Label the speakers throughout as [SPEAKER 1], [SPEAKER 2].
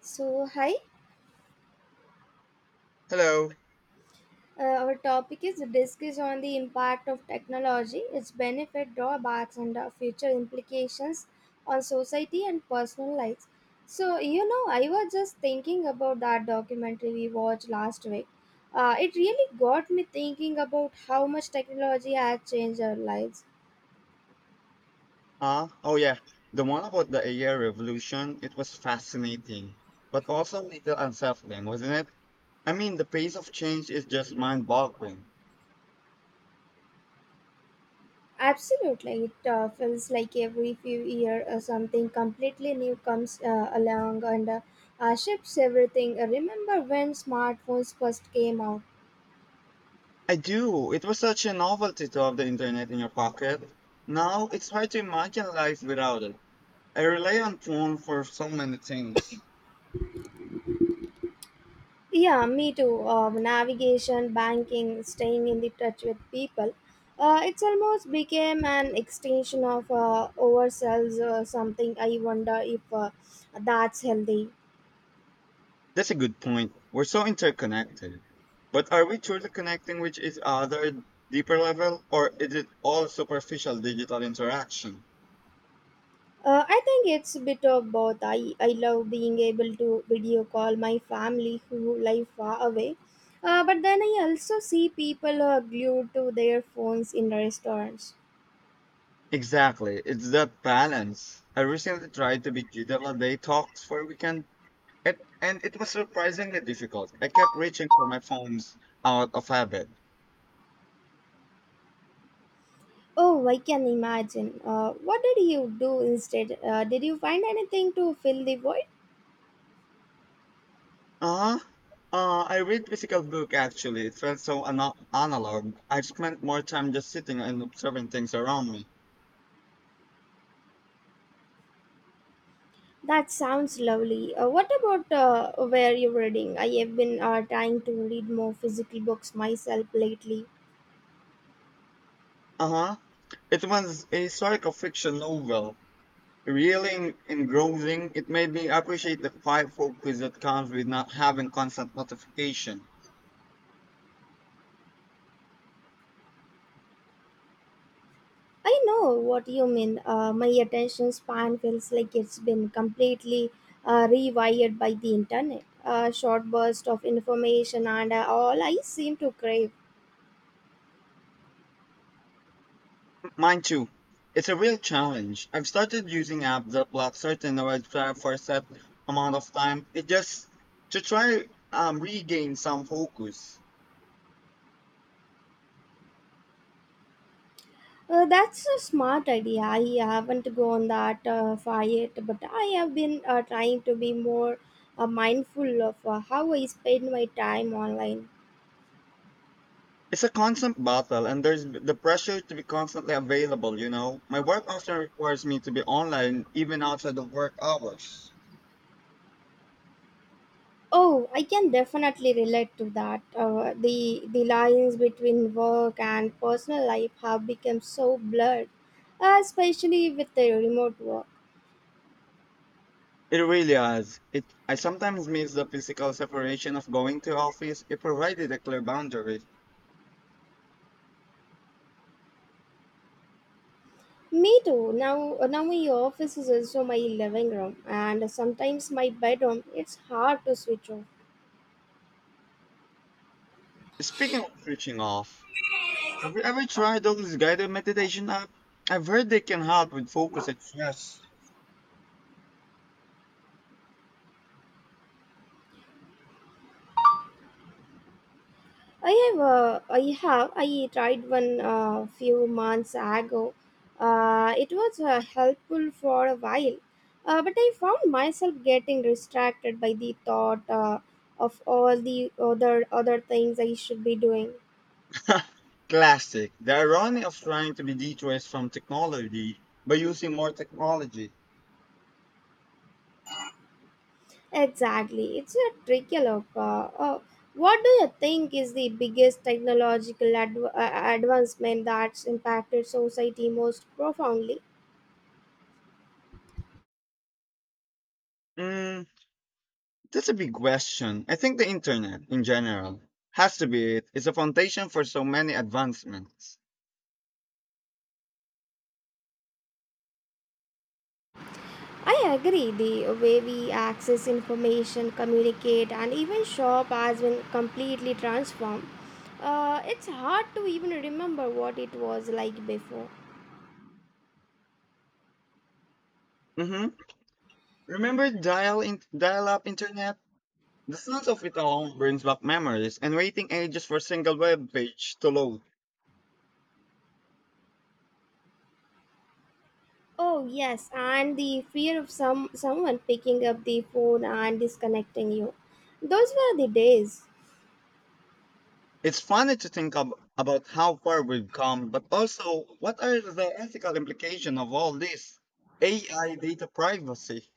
[SPEAKER 1] So, hi,
[SPEAKER 2] Hello.
[SPEAKER 1] our topic is the disc on the impact of technology, its benefit, drawbacks, and future implications on society and personal lives. So, you know, I was just thinking about that documentary we watched last week. It really got me thinking about how much technology has changed our lives.
[SPEAKER 2] Oh yeah, the one about the AI revolution, it was fascinating, but also a little unsettling, wasn't it? I mean, the pace of change is just mind-boggling.
[SPEAKER 1] Absolutely, it feels like every few years something completely new comes along and shifts everything. Remember when smartphones first came out?
[SPEAKER 2] I do. It was such a novelty to have the internet in your pocket. Now it's hard to imagine life without it. I rely on phone for so many things.
[SPEAKER 1] Yeah, me too. Navigation, banking, staying in the touch with people. It's almost became an extension of ourselves. Something I wonder if that's healthy.
[SPEAKER 2] That's a good point. We're so interconnected. But are we truly connecting with each other at deeper level, or is it all superficial digital interaction?
[SPEAKER 1] I think it's a bit of both. I love being able to video call my family who live far away. But then I also see people who are glued to their phones in restaurants.
[SPEAKER 2] Exactly. It's that balance. I recently tried to be digital day talks for a weekend, and it was surprisingly difficult. I kept reaching for my phones out of habit.
[SPEAKER 1] Oh, I can imagine. What did you do instead? Did you find anything to fill the void?
[SPEAKER 2] Uh, I read physical book actually. It felt so analog. I spent more time just sitting and observing things around me.
[SPEAKER 1] That sounds lovely. What about where you're reading? I have been trying to read more physical books myself lately.
[SPEAKER 2] Uh-huh. It was a historical fiction novel. Really engrossing, it made me appreciate the quiet focus that comes with not having constant notification.
[SPEAKER 1] I know what you mean. My attention span feels like it's been completely rewired by the internet. A short burst of information and all I seem to crave.
[SPEAKER 2] Mine too. It's a real challenge. I've started using apps that block certain websites for a set amount of time. It just to try regain some focus.
[SPEAKER 1] That's a smart idea. I haven't gone that far yet, but I have been trying to be more mindful of how I spend my time online.
[SPEAKER 2] It's a constant battle, and there's the pressure to be constantly available. You know, my work often requires me to be online even outside of work hours.
[SPEAKER 1] Oh, I can definitely relate to that. The lines between work and personal life have become so blurred, especially with the remote work.
[SPEAKER 2] It really is. It I sometimes miss the physical separation of going to office. It provided a clear boundary.
[SPEAKER 1] Me too. Now my office is also my living room, and sometimes my bedroom. It's hard to switch off.
[SPEAKER 2] Speaking of switching off. Have you ever tried those guided meditation app? I've heard they can help with focus and stress.
[SPEAKER 1] I have, I tried one few months ago. It was helpful for a while, but I found myself getting distracted by the thought of all the other things I should be doing.
[SPEAKER 2] Classic. The irony of trying to be detours from technology by using more technology.
[SPEAKER 1] Exactly, it's a tricky look. What do you think is the biggest technological advancement that's impacted society most profoundly?
[SPEAKER 2] Mm, that's a big question. I think the internet, in general, has to be it. It's a foundation for so many advancements.
[SPEAKER 1] I agree. The way we access information, communicate, and even shop has been completely transformed. It's hard to even remember what it was like before.
[SPEAKER 2] Hmm. Remember dial in, dial-up internet? The sounds of it all brings back memories and waiting ages for a single web page to load.
[SPEAKER 1] Oh yes, and the fear of someone picking up the phone and disconnecting you. Those were the days.
[SPEAKER 2] It's funny to think about how far we've come, but also what are the ethical implications of all this? AI data privacy.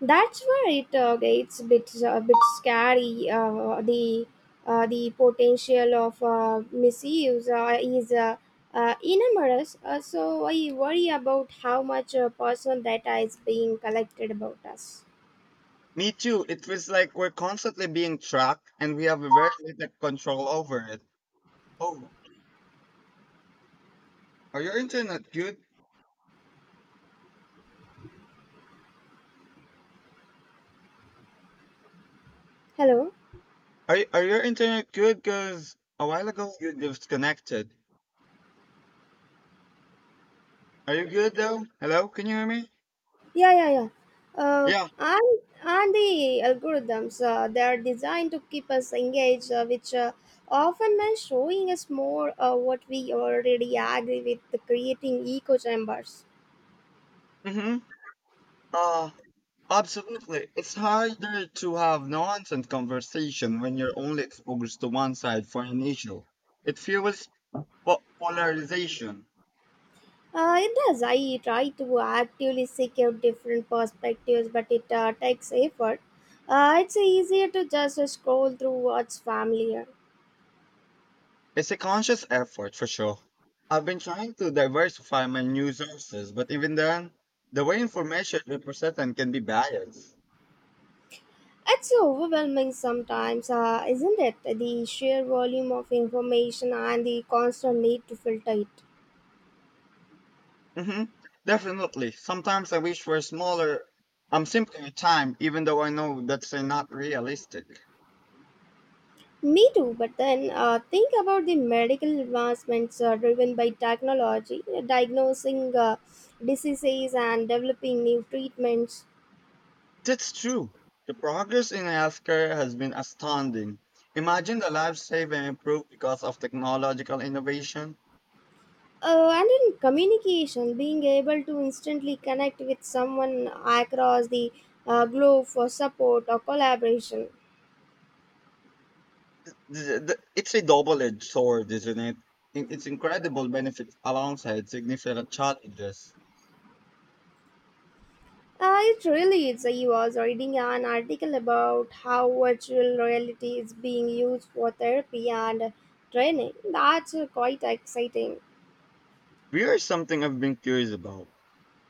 [SPEAKER 1] That's where it gets a bit scary. The potential of misuse is enormous. So I worry about how much personal data is being collected about us.
[SPEAKER 2] Me too. It feels like we're constantly being tracked and we have very little control over it. Oh, are your internet good?
[SPEAKER 1] Hello.
[SPEAKER 2] Are your internet good? Because a while ago you disconnected. Are you good though? Hello? Can you hear me?
[SPEAKER 1] Yeah, yeah, yeah. Uh,
[SPEAKER 2] Yeah.
[SPEAKER 1] and the algorithms they are designed to keep us engaged, which often means showing us more what we already agree with, creating echo chambers.
[SPEAKER 2] Mm hmm. Uh, absolutely. It's harder to have nonsense conversation when you're only exposed to one side for an issue. It fuels polarization.
[SPEAKER 1] It does. I try to actively seek out different perspectives, but it takes effort. It's easier to just scroll through what's familiar.
[SPEAKER 2] It's a conscious effort for sure. I've been trying to diversify my news sources, but even then, the way information is presented can be biased.
[SPEAKER 1] It's overwhelming sometimes, isn't it? The sheer volume of information and the constant need to filter it.
[SPEAKER 2] Mm-hmm. Definitely. Sometimes I wish for smaller, simpler time, even though I know that's not realistic.
[SPEAKER 1] Me too, but then think about the medical advancements driven by technology, diagnosing diseases and developing new treatments.
[SPEAKER 2] That's true. The progress in healthcare has been astounding. Imagine the lives saved and improved because of technological innovation.
[SPEAKER 1] And in communication, being able to instantly connect with someone across the globe for support or collaboration.
[SPEAKER 2] It's a double-edged sword, isn't it? It's incredible benefits alongside significant challenges.
[SPEAKER 1] It really is. I was reading an article about how virtual reality is being used for therapy and training. That's quite exciting.
[SPEAKER 2] Beer is something I've been curious about.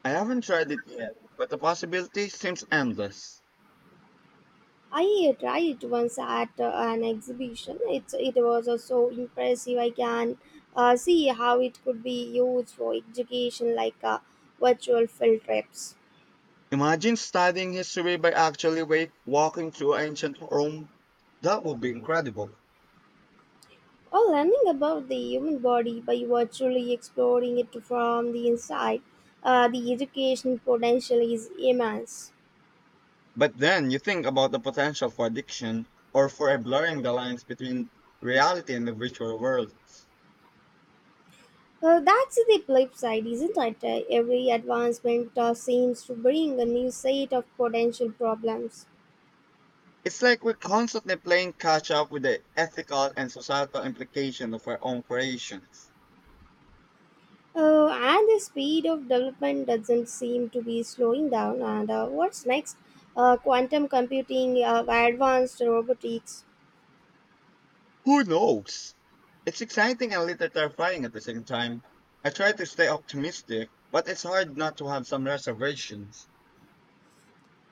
[SPEAKER 2] I haven't tried it yet, but the possibility seems endless.
[SPEAKER 1] I tried it once at an exhibition. It was so impressive. I can see how it could be used for education, like virtual field trips.
[SPEAKER 2] Imagine studying history by actually walking through ancient Rome. That would be incredible.
[SPEAKER 1] Or learning about the human body by virtually exploring it from the inside, the education potential is immense.
[SPEAKER 2] But then you think about the potential for addiction or for a blurring the lines between reality and the virtual world.
[SPEAKER 1] Well, that's the flip side, isn't it? Every advancement seems to bring a new set of potential problems.
[SPEAKER 2] It's like we're constantly playing catch up with the ethical and societal implication of our own creations.
[SPEAKER 1] And the speed of development doesn't seem to be slowing down. And what's next? Quantum computing, advanced robotics,
[SPEAKER 2] Who knows? It's exciting and a little terrifying at the same time. I try to stay optimistic, but it's hard not to have some reservations.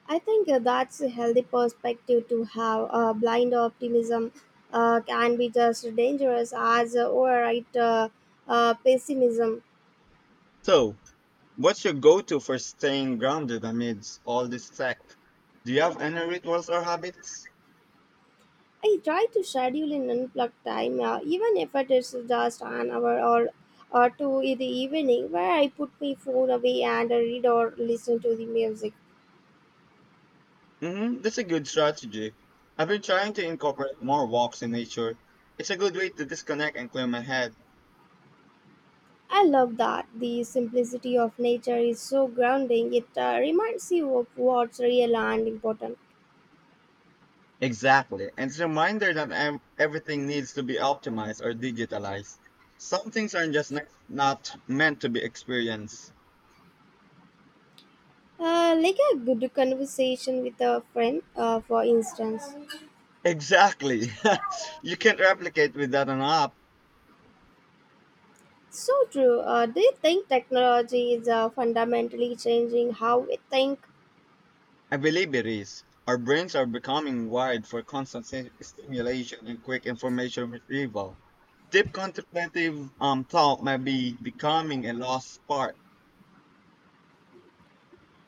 [SPEAKER 1] I think that's a healthy perspective to have. Blind optimism can be just dangerous as overripe pessimism.
[SPEAKER 2] So, what's your go to for staying grounded amidst all this tech? Do you have any rituals or habits?
[SPEAKER 1] I try to schedule in unplugged time, even if it is just an hour or two in the evening, where I put my phone away and read or listen to the music.
[SPEAKER 2] Hmm. That's a good strategy. I've been trying to incorporate more walks in nature. It's a good way to disconnect and clear my head.
[SPEAKER 1] I love that. The simplicity of nature is so grounding. It reminds you of what's real and important.
[SPEAKER 2] Exactly. And it's a reminder that everything needs to be optimized or digitalized. Some things are just not meant to be experienced.
[SPEAKER 1] Like a good conversation with a friend, for instance.
[SPEAKER 2] Exactly. you can't replicate without an app.
[SPEAKER 1] So true. Do you think technology is fundamentally changing how we think?
[SPEAKER 2] I believe it is. Our brains are becoming wired for constant stimulation and quick information retrieval. Deep contemplative thought might be becoming a lost part.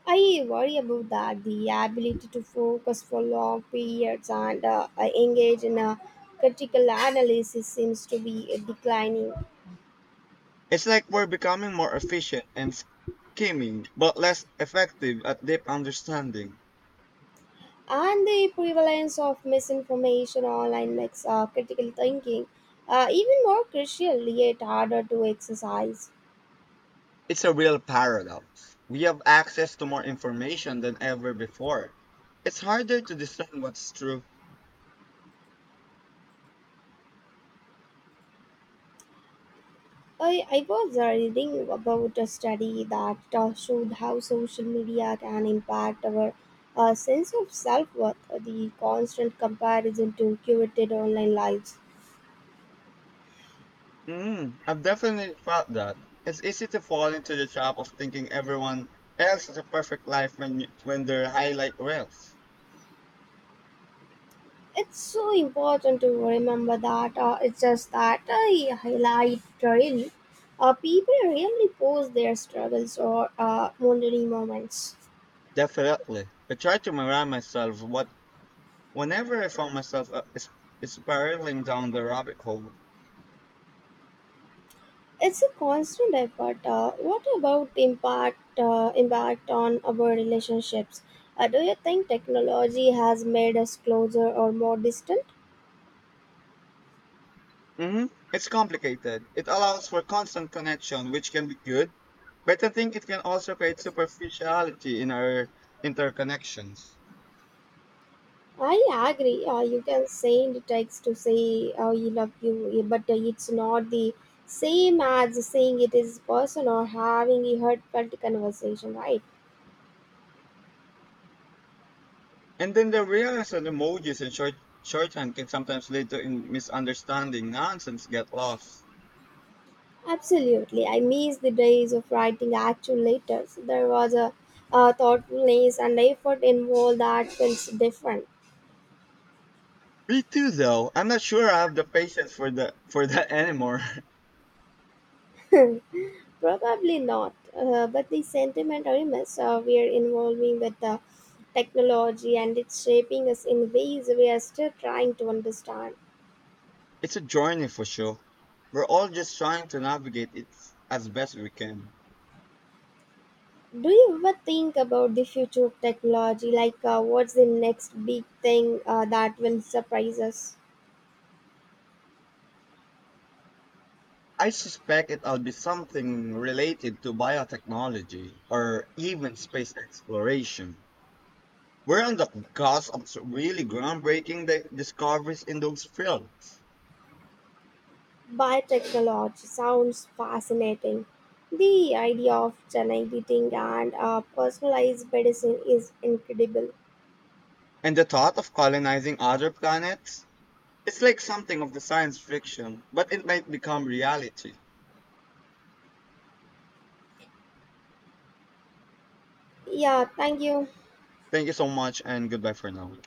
[SPEAKER 1] I worry about that. The ability to focus for long periods and engage in a critical analysis seems to be declining.
[SPEAKER 2] It's like we're becoming more efficient and scheming, but less effective at deep understanding.
[SPEAKER 1] And the prevalence of misinformation online makes critical thinking even more crucial yet harder to exercise.
[SPEAKER 2] It's a real paradox. We have access to more information than ever before. It's harder to discern what's true.
[SPEAKER 1] I was reading about a study that showed how social media can impact our sense of self worth, the constant comparison to curated online lives.
[SPEAKER 2] Mm, I've definitely felt that. It's easy to fall into the trap of thinking everyone else has a perfect life when when their highlight reels.
[SPEAKER 1] It's so important to remember that it's just that I highlight trail. People rarely post their struggles or wandering moments.
[SPEAKER 2] Definitely. I try to remind myself what whenever I found myself is spiraling down the rabbit hole.
[SPEAKER 1] It's a constant effort. What about impact on our relationships? Do you think technology has made us closer or more distant?
[SPEAKER 2] Hmm. It's complicated. It allows for constant connection, which can be good, but I think it can also create superficiality in our interconnections.
[SPEAKER 1] I agree. You can send text to say oh, you love you, yeah, but it's not the same as saying it is person or having a heartfelt conversation, right?
[SPEAKER 2] And then they realize that emojis and shorthand can sometimes lead to misunderstanding. Nonsense get lost.
[SPEAKER 1] Absolutely. I miss the days of writing actual letters. There was a thoughtfulness and effort involved that feels different.
[SPEAKER 2] Me too, though. I'm not sure I have the patience for the for that anymore.
[SPEAKER 1] Probably not, but the sentiment remains. We are involving with the technology and it's shaping us in ways we are still trying to understand.
[SPEAKER 2] It's a journey for sure. We're all just trying to navigate it as best we can.
[SPEAKER 1] Do you ever think about the future of technology? Like, what's the next big thing that will surprise us?
[SPEAKER 2] I suspect it'll be something related to biotechnology or even space exploration. We're on the cusp of really groundbreaking discoveries in those fields.
[SPEAKER 1] Biotechnology sounds fascinating. The idea of gene editing and personalized medicine is incredible.
[SPEAKER 2] And the thought of colonizing other planets is like something of the science fiction, but it might become reality.
[SPEAKER 1] Yeah, thank you.
[SPEAKER 2] Thank you so much and goodbye for now.